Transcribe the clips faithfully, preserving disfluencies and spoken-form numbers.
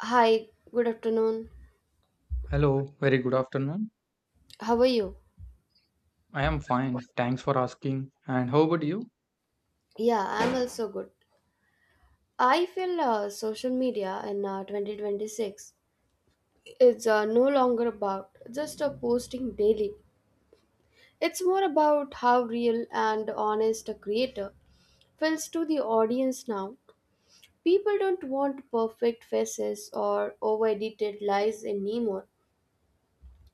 Hi, good afternoon. Hello, very good afternoon. How are you? I am fine. Thanks for asking. And how about you? Yeah, I'm also good. I feel uh, social media in uh, twenty twenty-six is uh, no longer about just uh, posting daily. It's more about how real and honest a creator feels to the audience now. People don't want perfect faces or over edited lies anymore.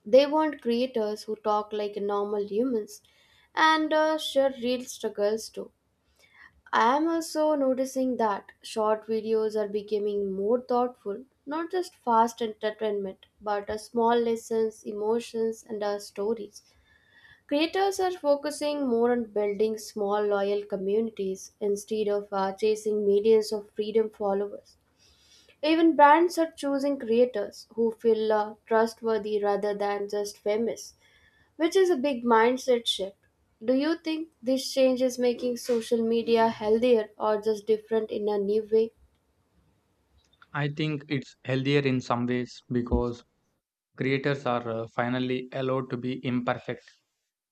They want creators who talk like normal humans and uh, share real struggles too. I am also noticing that short videos are becoming more thoughtful, not just fast entertainment, but a small lessons, emotions, and our stories. Creators are focusing more on building small loyal communities instead of uh, chasing millions of freedom followers. Even brands are choosing creators who feel uh, trustworthy rather than just famous, which is a big mindset shift. Do you think this change is making social media healthier or just different in a new way? I think it's healthier in some ways because creators are uh, finally allowed to be imperfect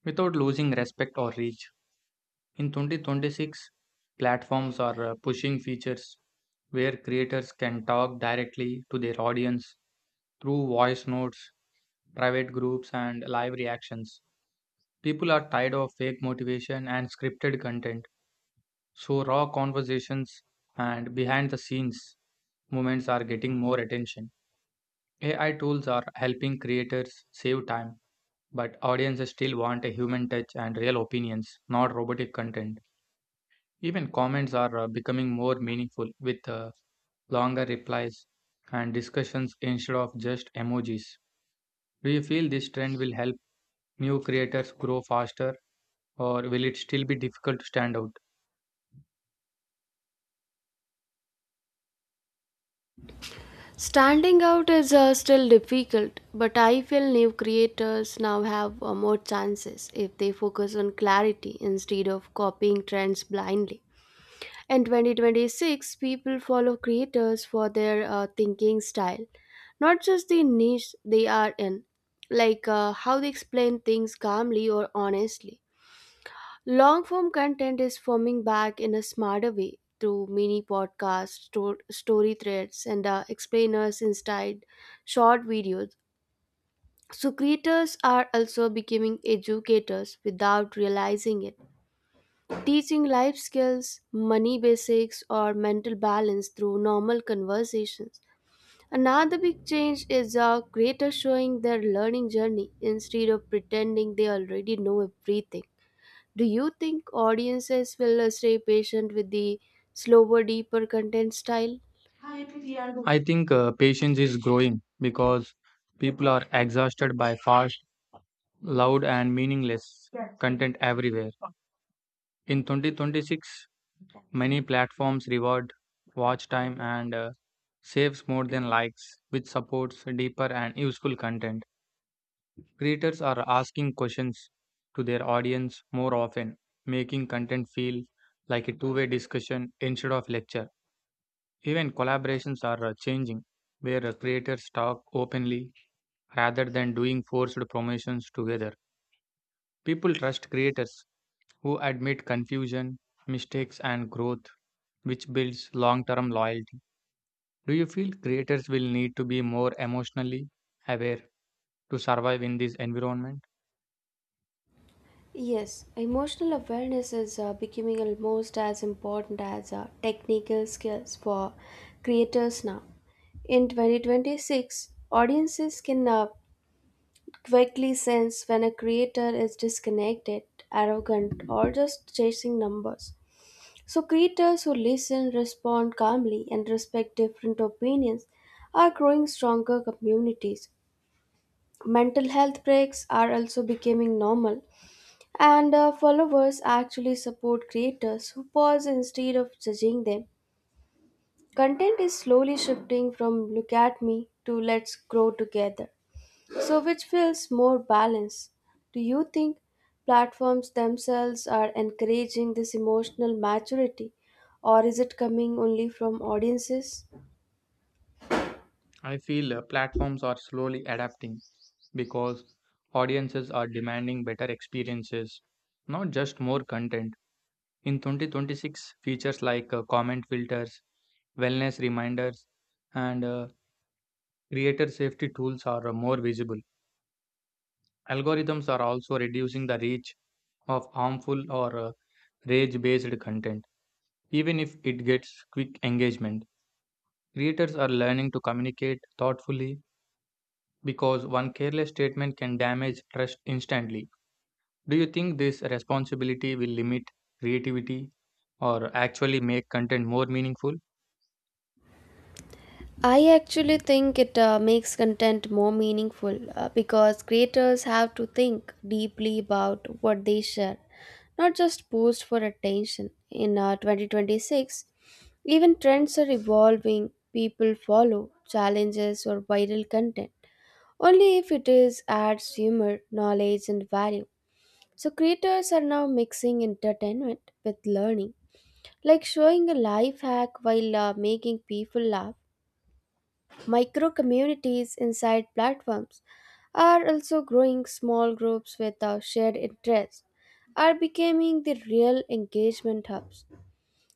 without losing respect or reach. In twenty twenty-six, platforms are uh, pushing features where creators can talk directly to their audience through voice notes, private groups, and live reactions. People are tired of fake motivation and scripted content. So, raw conversations and behind the scenes moments are getting more attention. A I tools are helping creators save time, but audiences still want a human touch and real opinions, not robotic content. Even comments are uh, becoming more meaningful with uh, longer replies and discussions instead of just emojis. Do you feel this trend will help new creators grow faster, or will it still be difficult to stand out? Standing out is uh, still difficult, but I feel new creators now have uh, more chances if they focus on clarity instead of copying trends blindly. In twenty twenty-six, people follow creators for their uh, thinking style, not just the niche they are in, like uh, how they explain things calmly or honestly. Long form content is forming back in a smarter way through mini podcasts, sto- story threads, and uh, explainers inside short videos. So, creators are also becoming educators without realizing it, teaching life skills, money basics, or mental balance through normal conversations. Another big change is uh, creators showing their learning journey instead of pretending they already know everything. Do you think audiences will uh, stay patient with the slower, deeper content style? I think uh, patience is growing because people are exhausted by fast, loud, and meaningless content everywhere. In twenty twenty-six, many platforms reward watch time and uh, saves more than likes, which supports deeper and useful content. Creators are asking questions to their audience more often, making content feel like a two way discussion instead of lecture. Even collaborations are uh, changing, where uh, creators talk openly rather than doing forced promotions together. People trust creators who admit confusion, mistakes, and growth, which builds long term loyalty. Do you feel creators will need to be more emotionally aware to survive in this environment? Yes, emotional awareness is uh, becoming almost as important as uh, technical skills for creators now. In twenty twenty-six, audiences can uh, quickly sense when a creator is disconnected, arrogant, or just chasing numbers. So, creators who listen, respond calmly, and respect different opinions are growing stronger communities. Mental health breaks are also becoming normal, and uh, followers actually support creators who pause instead of judging them. Content is slowly shifting from look at me to let's grow together. So, which feels more balanced? Do you think platforms themselves are encouraging this emotional maturity, or is it coming only from audiences? I feel uh, platforms are slowly adapting because audiences are demanding better experiences, not just more content. In twenty twenty-six, features like uh, comment filters, wellness reminders, and uh, creator safety tools are uh, more visible. Algorithms are also reducing the reach of harmful or uh, rage based content, even if it gets quick engagement. Creators are learning to communicate thoughtfully because one careless statement can damage trust instantly. Do you think this responsibility will limit creativity or actually make content more meaningful? I actually think it uh, makes content more meaningful uh, because creators have to think deeply about what they share, not just post for attention. In uh, twenty twenty-six, even trends are evolving. People follow challenges or viral content only if it is adds humor, knowledge, and value. So, creators are now mixing entertainment with learning, like showing a life hack while uh, making people laugh. Micro communities inside platforms are also growing. Small groups with our shared interests are becoming the real engagement hubs.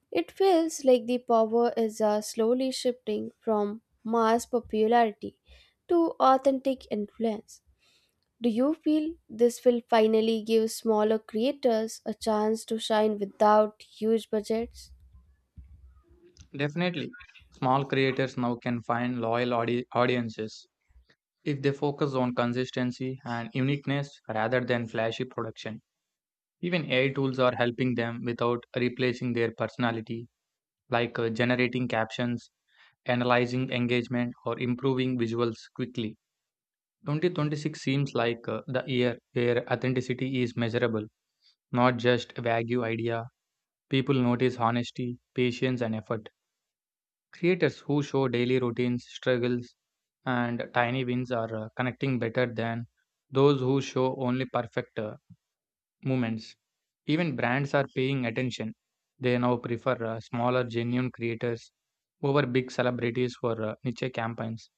It feels like the power is uh, slowly shifting from mass popularity to authentic influence. Do you feel this will finally give smaller creators a chance to shine without huge budgets? Definitely, small creators now can find loyal audi- audiences if they focus on consistency and uniqueness rather than flashy production. Even A I tools are helping them without replacing their personality, like uh, generating captions, analyzing engagement, or improving visuals quickly. twenty twenty-six seems like uh, the year where authenticity is measurable, not just a vague idea. People notice honesty, patience, and effort. Creators who show daily routines, struggles, and tiny wins are uh, connecting better than those who show only perfect uh, moments. Even brands are paying attention. They now prefer uh, smaller, genuine creators over big celebrities for uh, niche campaigns.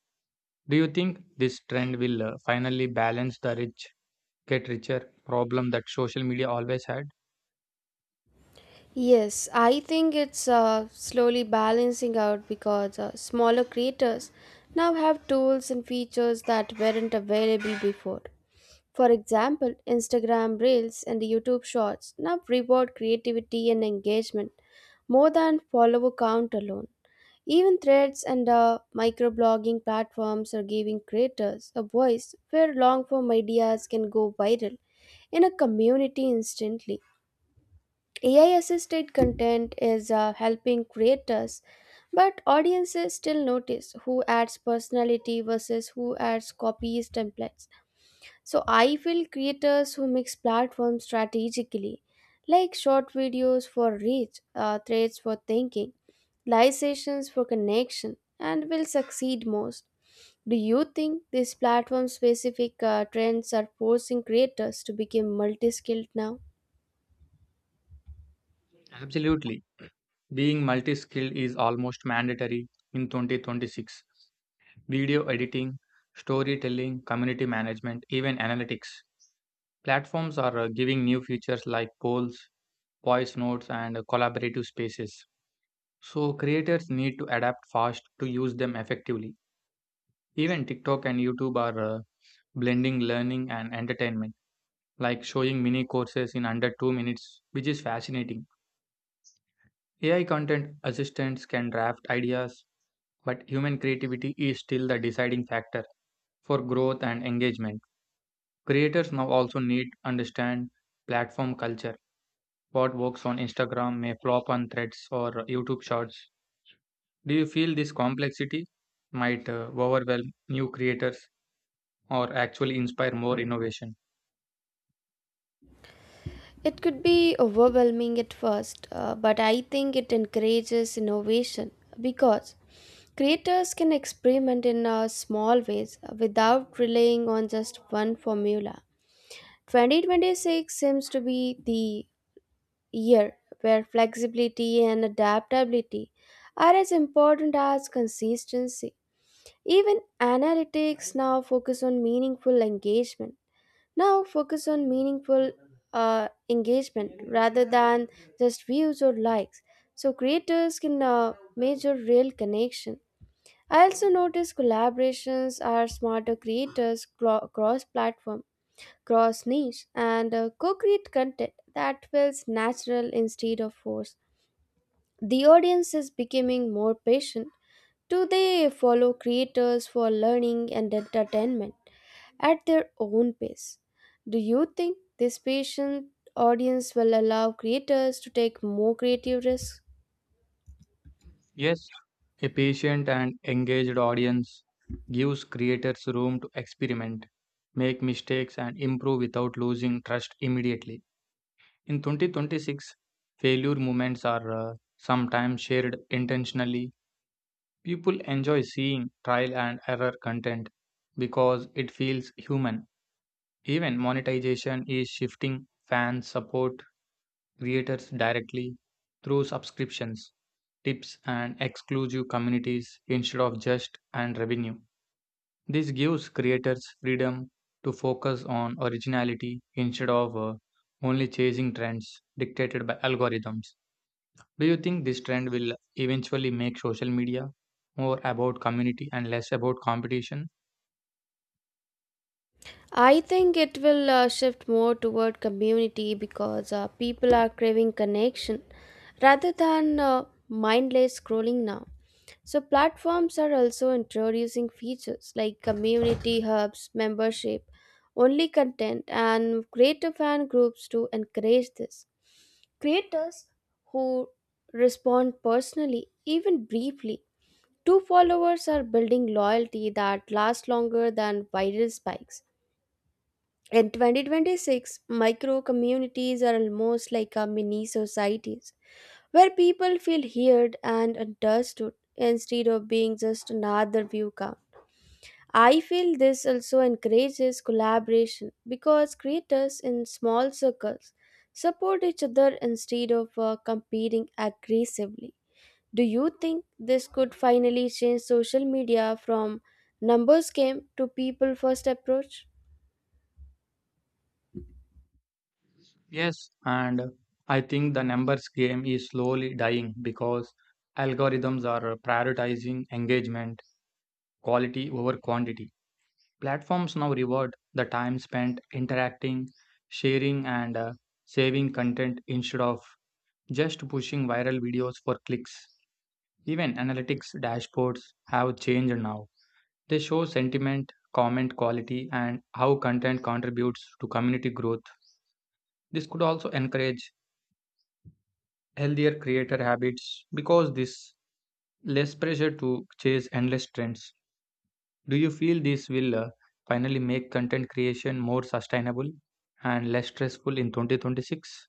Do you think this trend will uh, finally balance the rich get richer problem that social media always had? Yes, I think it's uh, slowly balancing out because uh, smaller creators now have tools and features that weren't available before. For example, Instagram Reels and YouTube Shorts now reward creativity and engagement more than follower count alone. Even threads and uh, microblogging platforms are giving creators a voice where long form ideas can go viral in a community instantly. A I assisted content is uh, helping creators, but audiences still notice who adds personality versus who adds copies templates. So I feel creators who mix platforms strategically, like short videos for reach, uh, threads for thinking, live sessions for connection, and will succeed most. Do you think these platform specific uh, trends are forcing creators to become multi skilled now? Absolutely. Being multi skilled is almost mandatory in twenty twenty-six. Video editing, storytelling, community management, even analytics. Platforms are uh, giving new features like polls, voice notes, and uh, collaborative spaces. So, creators need to adapt fast to use them effectively. Even TikTok and YouTube are uh, blending learning and entertainment, like showing mini courses in under two minutes, which is fascinating. A I content assistants can draft ideas, but human creativity is still the deciding factor for growth and engagement. Creators now also need to understand platform culture. What works on Instagram may flop on Threads or YouTube Shorts. Do you feel this complexity might uh, overwhelm new creators or actually inspire more innovation? It could be overwhelming at first, uh, but I think it encourages innovation because creators can experiment in uh, small ways without relying on just one formula. twenty twenty-six seems to be the year where flexibility and adaptability are as important as consistency. Even analytics now focus on meaningful engagement now focus on meaningful uh, engagement rather than just views or likes. So creators can uh, measure real connection. I also notice collaborations are smarter creators cross platform, cross niche, and uh, co create content that feels natural instead of forced. The audience is becoming more patient. Do they follow creators for learning and entertainment? At their own pace. Do you think this patient audience will allow creators to take more creative risks? Yes, a patient and engaged audience gives creators room to experiment, make mistakes, and improve without losing trust immediately. In twenty twenty-six, failure moments are uh, sometimes shared intentionally. People enjoy seeing trial and error content because it feels human. Even monetization is shifting fans support creators directly through subscriptions, tips, and exclusive communities instead of just and revenue. This gives creators freedom to focus on originality instead of uh, only chasing trends dictated by algorithms. Do you think this trend will eventually make social media more about community and less about competition? I think it will uh, shift more toward community because uh, people are craving connection rather than uh, mindless scrolling now. So, platforms are also introducing features like community hubs, membership, only content, and creator fan groups to encourage this. Creators who respond personally, even briefly, to followers are building loyalty that lasts longer than viral spikes. In twenty twenty-six, micro communities are almost like a mini societies where people feel heard and understood instead of being just another view count. I feel this also encourages collaboration because creators in small circles support each other instead of uh, competing aggressively. Do you think this could finally change social media from numbers game to people first approach? Yes, and I think the numbers game is slowly dying because algorithms are prioritizing engagement, quality over quantity. Platforms now reward the time spent interacting, sharing, and uh, saving content instead of just pushing viral videos for clicks. Even analytics dashboards have changed now. They show sentiment, comment quality, and how content contributes to community growth. This could also encourage healthier creator habits because this less pressure to chase endless trends. Do you feel this will uh, finally make content creation more sustainable and less stressful in twenty twenty-six?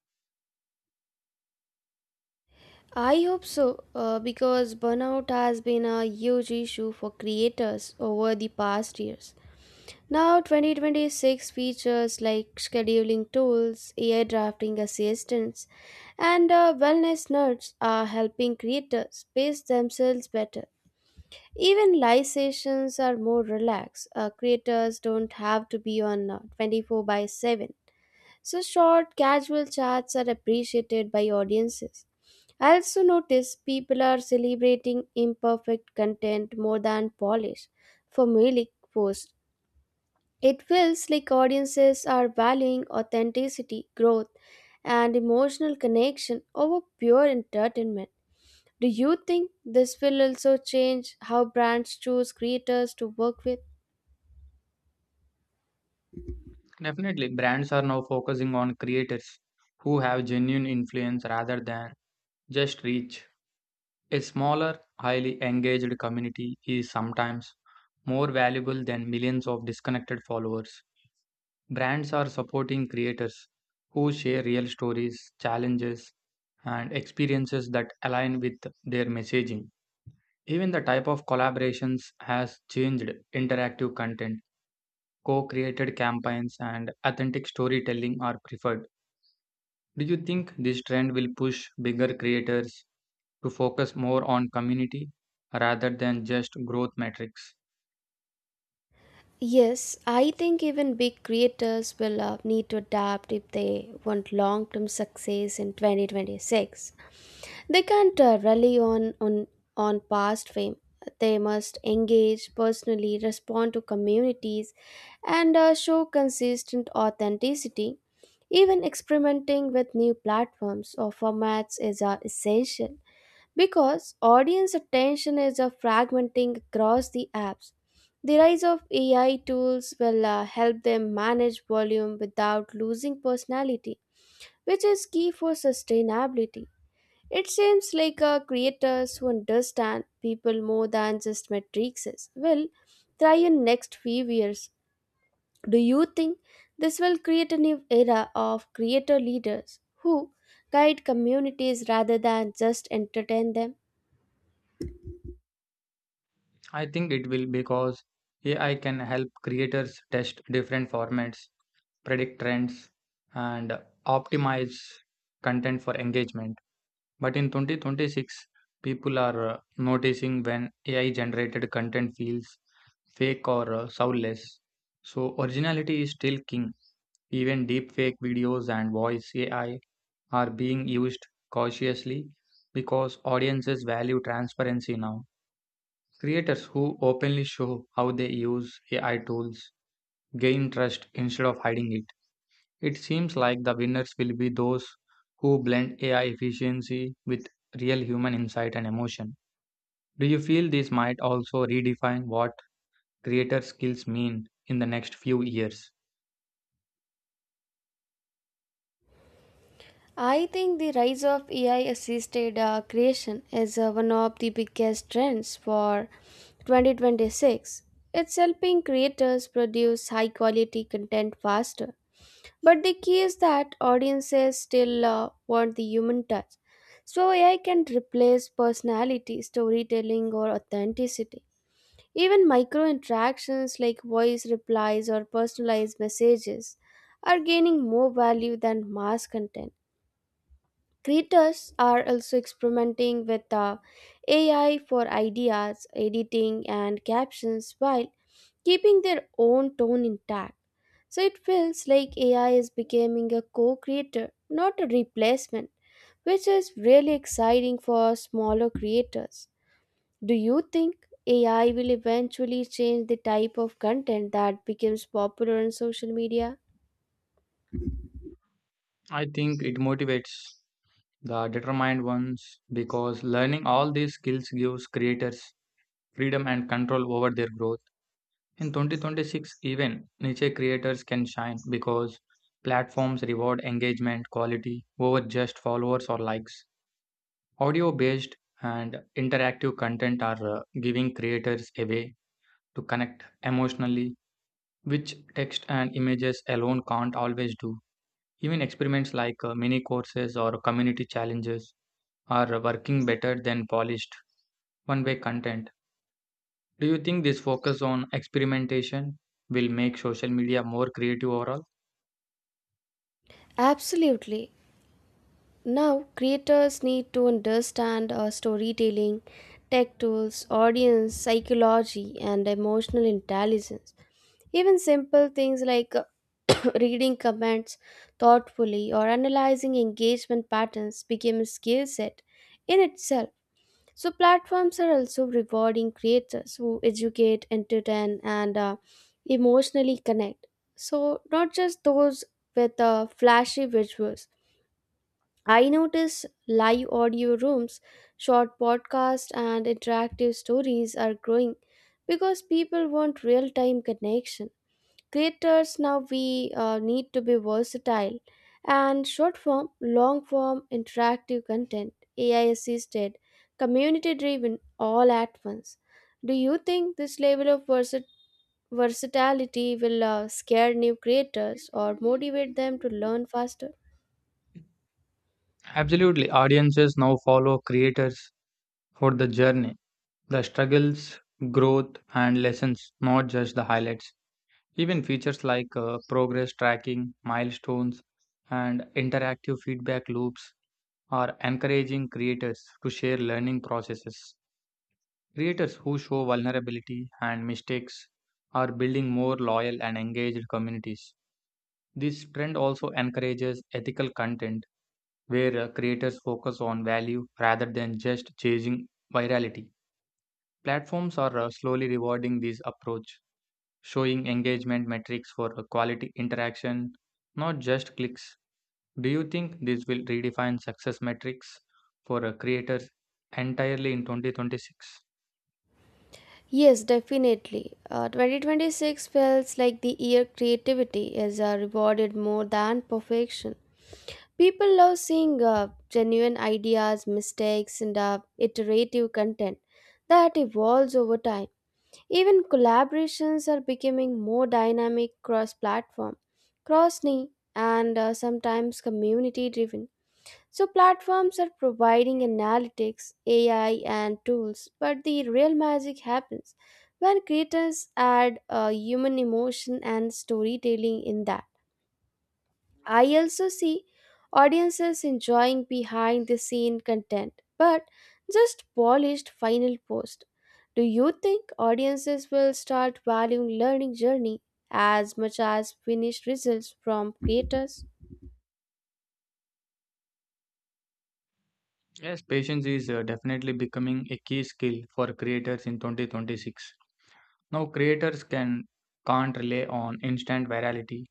I hope so uh, because burnout has been a huge issue for creators over the past years. Now, twenty twenty-six features like scheduling tools, A I drafting assistants, and uh, wellness nerds are helping creators pace themselves better. Even live sessions are more relaxed. Uh, creators don't have to be on uh, twenty-four by seven. So, short, casual chats are appreciated by audiences. I also notice people are celebrating imperfect content more than polished, formulaic posts. It feels like audiences are valuing authenticity, growth, and emotional connection over pure entertainment. Do you think this will also change how brands choose creators to work with? Definitely, brands are now focusing on creators who have genuine influence rather than just reach. A smaller, highly engaged community is sometimes more valuable than millions of disconnected followers. Brands are supporting creators who share real stories, challenges, and experiences that align with their messaging. Even the type of collaborations has changed. Interactive content, co created campaigns, and authentic storytelling are preferred. Do you think this trend will push bigger creators to focus more on community rather than just growth metrics? Yes, I think even big creators will uh, need to adapt if they want long term success in twenty twenty-six. They can't uh, rely on, on, on past fame. They must engage personally, respond to communities, and uh, show consistent authenticity. Even experimenting with new platforms or formats is uh, essential because audience attention is uh, fragmenting across the apps. The rise of A I tools will uh, help them manage volume without losing personality, which is key for sustainability. It seems like uh, creators who understand people more than just matrices will thrive in next few years. Do you think this will create a new era of creator leaders who guide communities rather than just entertain them? I think it will because A I can help creators test different formats, predict trends, and optimize content for engagement. But in twenty twenty-six, people are uh, noticing when A I generated content feels fake or uh, soulless. So, originality is still king. Even deepfake videos and voice A I are being used cautiously because audiences value transparency now. Creators who openly show how they use A I tools gain trust instead of hiding it. It seems like the winners will be those who blend A I efficiency with real human insight and emotion. Do you feel this might also redefine what creator skills mean in the next few years? I think the rise of A I assisted uh, creation is uh, one of the biggest trends for twenty twenty-six. It's helping creators produce high quality content faster. But the key is that audiences still uh, want the human touch. So A I can replace personality, storytelling, or authenticity. Even micro interactions like voice replies or personalized messages are gaining more value than mass content. Creators are also experimenting with uh, A I for ideas, editing, and captions while keeping their own tone intact. So it feels like A I is becoming a co creator, not a replacement, which is really exciting for smaller creators. Do you think A I will eventually change the type of content that becomes popular on social media? I think it motivates the determined ones because learning all these skills gives creators freedom and control over their growth. In twenty twenty-six, even niche creators can shine because platforms reward engagement quality over just followers or likes. Audio based and interactive content are uh, giving creators a way to connect emotionally, which text and images alone can't always do. Even experiments like uh, mini courses or community challenges are working better than polished one way content. Do you think this focus on experimentation will make social media more creative overall? Absolutely. Now, creators need to understand uh, storytelling, tech tools, audience psychology, and emotional intelligence. Even simple things like reading comments thoughtfully or analyzing engagement patterns became a skill set in itself. So, platforms are also rewarding creators who educate, entertain, and uh, emotionally connect. So, not just those with uh, flashy visuals. I notice live audio rooms, short podcasts, and interactive stories are growing because people want real time connection. Creators now we uh, need to be versatile and short form, long form, interactive content, A I assisted, community driven, all at once. Do you think this level of versa- versatility will uh, scare new creators or motivate them to learn faster? Absolutely. Audiences now follow creators for the journey, the struggles, growth, and lessons, not just the highlights. Even features like uh, progress tracking, milestones, and interactive feedback loops are encouraging creators to share learning processes. Creators who show vulnerability and mistakes are building more loyal and engaged communities. This trend also encourages ethical content where uh, creators focus on value rather than just chasing virality. Platforms are uh, slowly rewarding this approach, showing engagement metrics for uh, quality interaction, not just clicks. Do you think this will redefine success metrics for uh, creators entirely in twenty twenty-six? Yes, definitely. Uh, twenty twenty-six feels like the year creativity is uh, rewarded more than perfection. People love seeing uh, genuine ideas, mistakes, and uh, iterative content that evolves over time. Even collaborations are becoming more dynamic cross platform, cross knee, and uh, sometimes community driven. So, platforms are providing analytics, A I, and tools, but the real magic happens when creators add uh, human emotion and storytelling in that. I also see audiences enjoying behind the scene content, but just polished final post. Do you think audiences will start valuing learning journey as much as finished results from creators? Yes, patience is uh, definitely becoming a key skill for creators in twenty twenty-six. Now creators can can't rely on instant virality.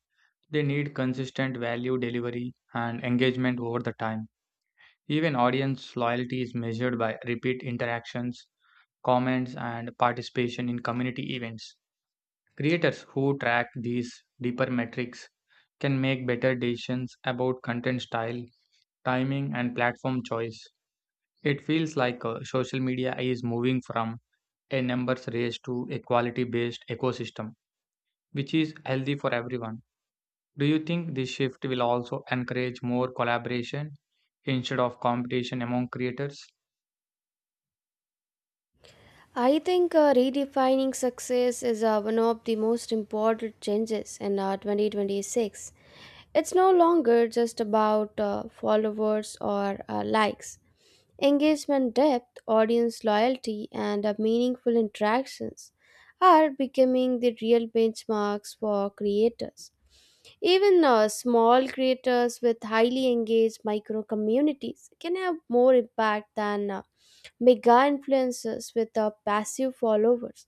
They need consistent value delivery and engagement over the time. Even audience loyalty is measured by repeat interactions, comments and participation in community events. Creators who track these deeper metrics can make better decisions about content style, timing and platform choice. It feels like uh, social media is moving from a numbers race to a quality based ecosystem, which is healthy for everyone. Do you think this shift will also encourage more collaboration instead of competition among creators? I think uh, redefining success is uh, one of the most important changes in uh, twenty twenty-six. It's no longer just about uh, followers or uh, likes. Engagement depth, audience loyalty, and uh, meaningful interactions are becoming the real benchmarks for creators. Even uh, small creators with highly engaged micro communities can have more impact than uh, mega influencers with uh, passive followers.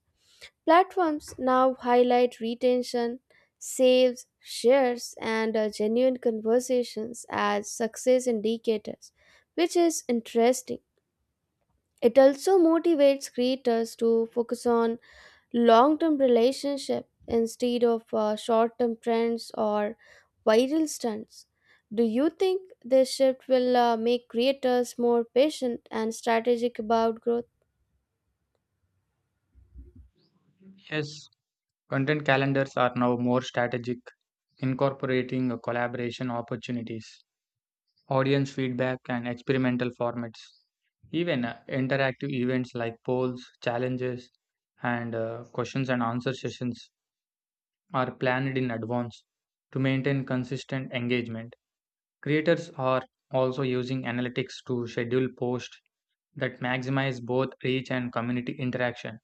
Platforms now highlight retention, saves, shares, and uh, genuine conversations as success indicators, which is interesting. It also motivates creators to focus on long term relationship instead of short term trends or viral stunts. Do you think this shift will uh, make creators more patient and strategic about growth? Yes, content calendars are now more strategic, incorporating a collaboration opportunities, audience feedback, and experimental formats. Even uh, interactive events like polls, challenges, and uh, questions and answer sessions are planned in advance to maintain consistent engagement. Creators are also using analytics to schedule posts that maximize both reach and community interaction.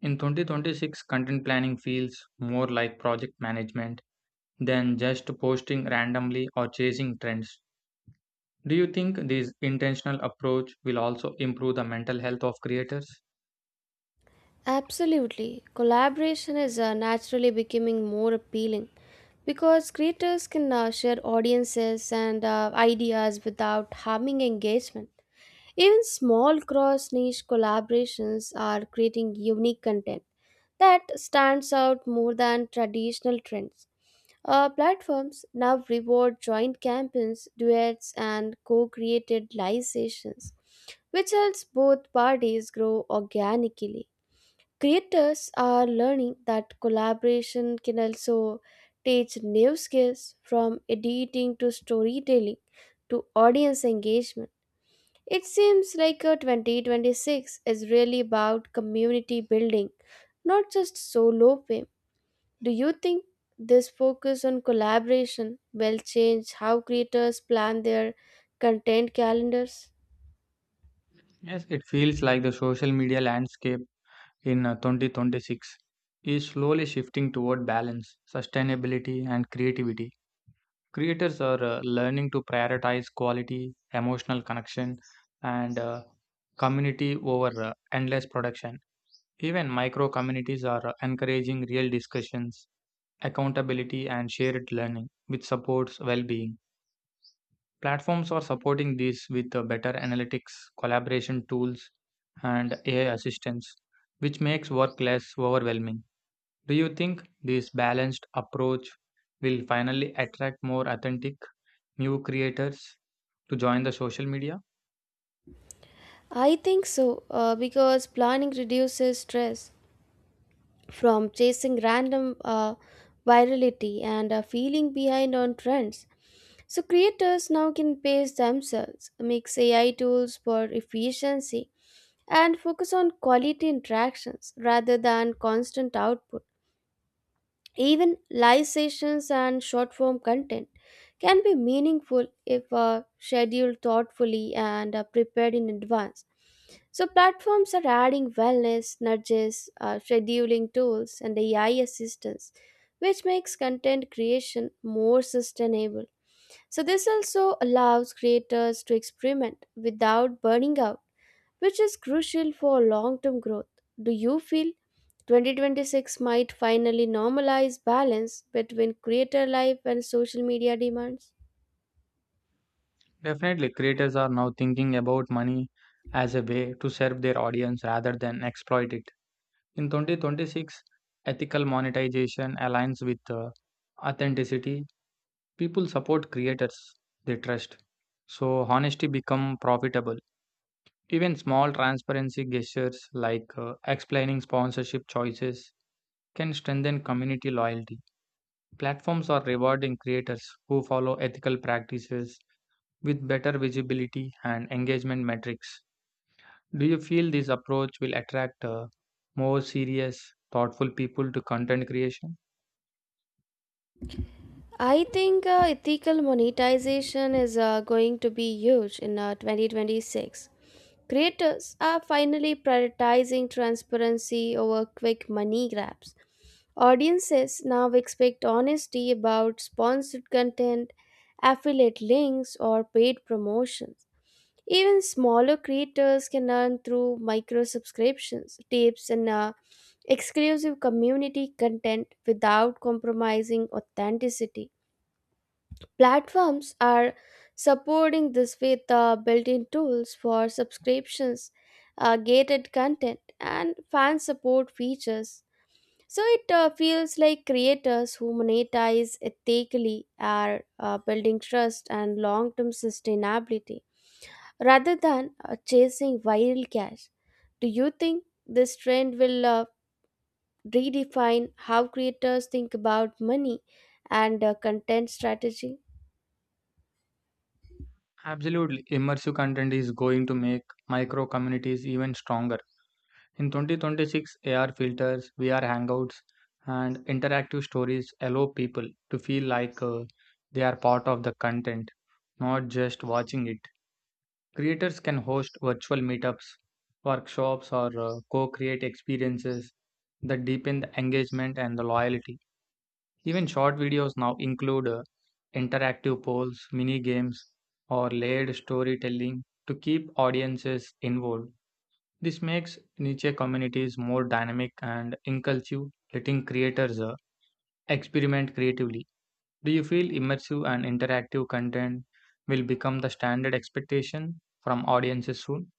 In twenty twenty-six, content planning feels more like project management than just posting randomly or chasing trends. Do you think this intentional approach will also improve the mental health of creators? Absolutely. Collaboration is uh, naturally becoming more appealing because creators can uh, share audiences and uh, ideas without harming engagement. Even small cross niche collaborations are creating unique content that stands out more than traditional trends. Uh, platforms now reward joint campaigns, duets, and co created live sessions, which helps both parties grow organically. Creators are learning that collaboration can also teach new skills from editing to storytelling to audience engagement. It seems like uh, twenty twenty-six is really about community building, not just solo fame. Do you think this focus on collaboration will change how creators plan their content calendars? Yes, it feels like the social media landscape in uh, twenty twenty-six is slowly shifting toward balance, sustainability, and creativity. Creators are uh, learning to prioritize quality, emotional connection, and uh, community over uh, endless production. Even micro communities are uh, encouraging real discussions, accountability, and shared learning, which supports well being. Platforms are supporting this with uh, better analytics, collaboration tools, and A I assistance, which makes work less overwhelming. Do you think this balanced approach will finally attract more authentic new creators to join the social media? I think so, uh, because planning reduces stress from chasing random uh, virality and uh, feeling behind on trends. So creators now can pace themselves, mix A I tools for efficiency, and focus on quality interactions rather than constant output. Even live sessions and short form content can be meaningful if uh, scheduled thoughtfully and uh, prepared in advance. So, platforms are adding wellness, nudges, uh, scheduling tools, and A I assistance, which makes content creation more sustainable. So, this also allows creators to experiment without burning out, which is crucial for long term growth. Do you feel twenty twenty-six might finally normalize balance between creator life and social media demands? Definitely, creators are now thinking about money as a way to serve their audience rather than exploit it. In twenty twenty-six, ethical monetization aligns with uh, authenticity. People support creators they trust, so honesty become profitable. Even small transparency gestures like uh, explaining sponsorship choices can strengthen community loyalty. Platforms are rewarding creators who follow ethical practices with better visibility and engagement metrics. Do you feel this approach will attract uh, more serious, thoughtful people to content creation? I think uh, ethical monetization is uh, going to be huge in uh, twenty twenty-six. Creators are finally prioritizing transparency over quick money grabs. Audiences now expect honesty about sponsored content, affiliate links, or paid promotions. Even smaller creators can earn through micro subscriptions, tips, and uh, exclusive community content without compromising authenticity. Platforms are supporting this with uh, built in tools for subscriptions, uh, gated content, and fan support features. So it uh, feels like creators who monetize ethically are uh, building trust and long term sustainability rather than uh, chasing viral cash. Do you think this trend will uh, redefine how creators think about money and uh, content strategy? Absolutely. Immersive content is going to make micro communities even stronger. In twenty twenty-six, A R filters, V R hangouts, and interactive stories allow people to feel like uh, they are part of the content, not just watching it. Creators can host virtual meetups, workshops, or uh, co create experiences that deepen the engagement and the loyalty. Even short videos now include uh, interactive polls, mini games, or layered storytelling to keep audiences involved. This makes niche communities more dynamic and inclusive, letting creators uh, experiment creatively. Do you feel immersive and interactive content will become the standard expectation from audiences soon?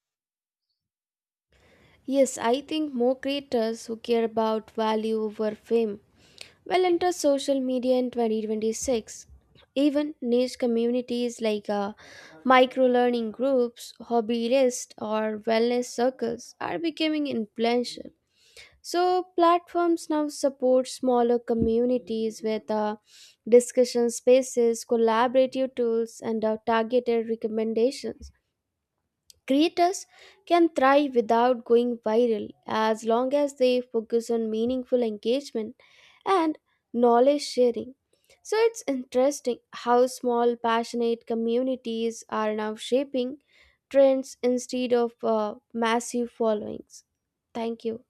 Yes, I think more creators who care about value over fame will enter social media in twenty twenty-six. Even niche communities like uh, micro learning groups, hobbyist, or wellness circles are becoming influential. So platforms now support smaller communities with uh, discussion spaces, collaborative tools, and uh, targeted recommendations. Creators can thrive without going viral as long as they focus on meaningful engagement and knowledge sharing. So it's interesting how small, passionate communities are now shaping trends instead of uh, massive followings. Thank you.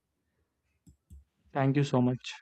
Thank you so much.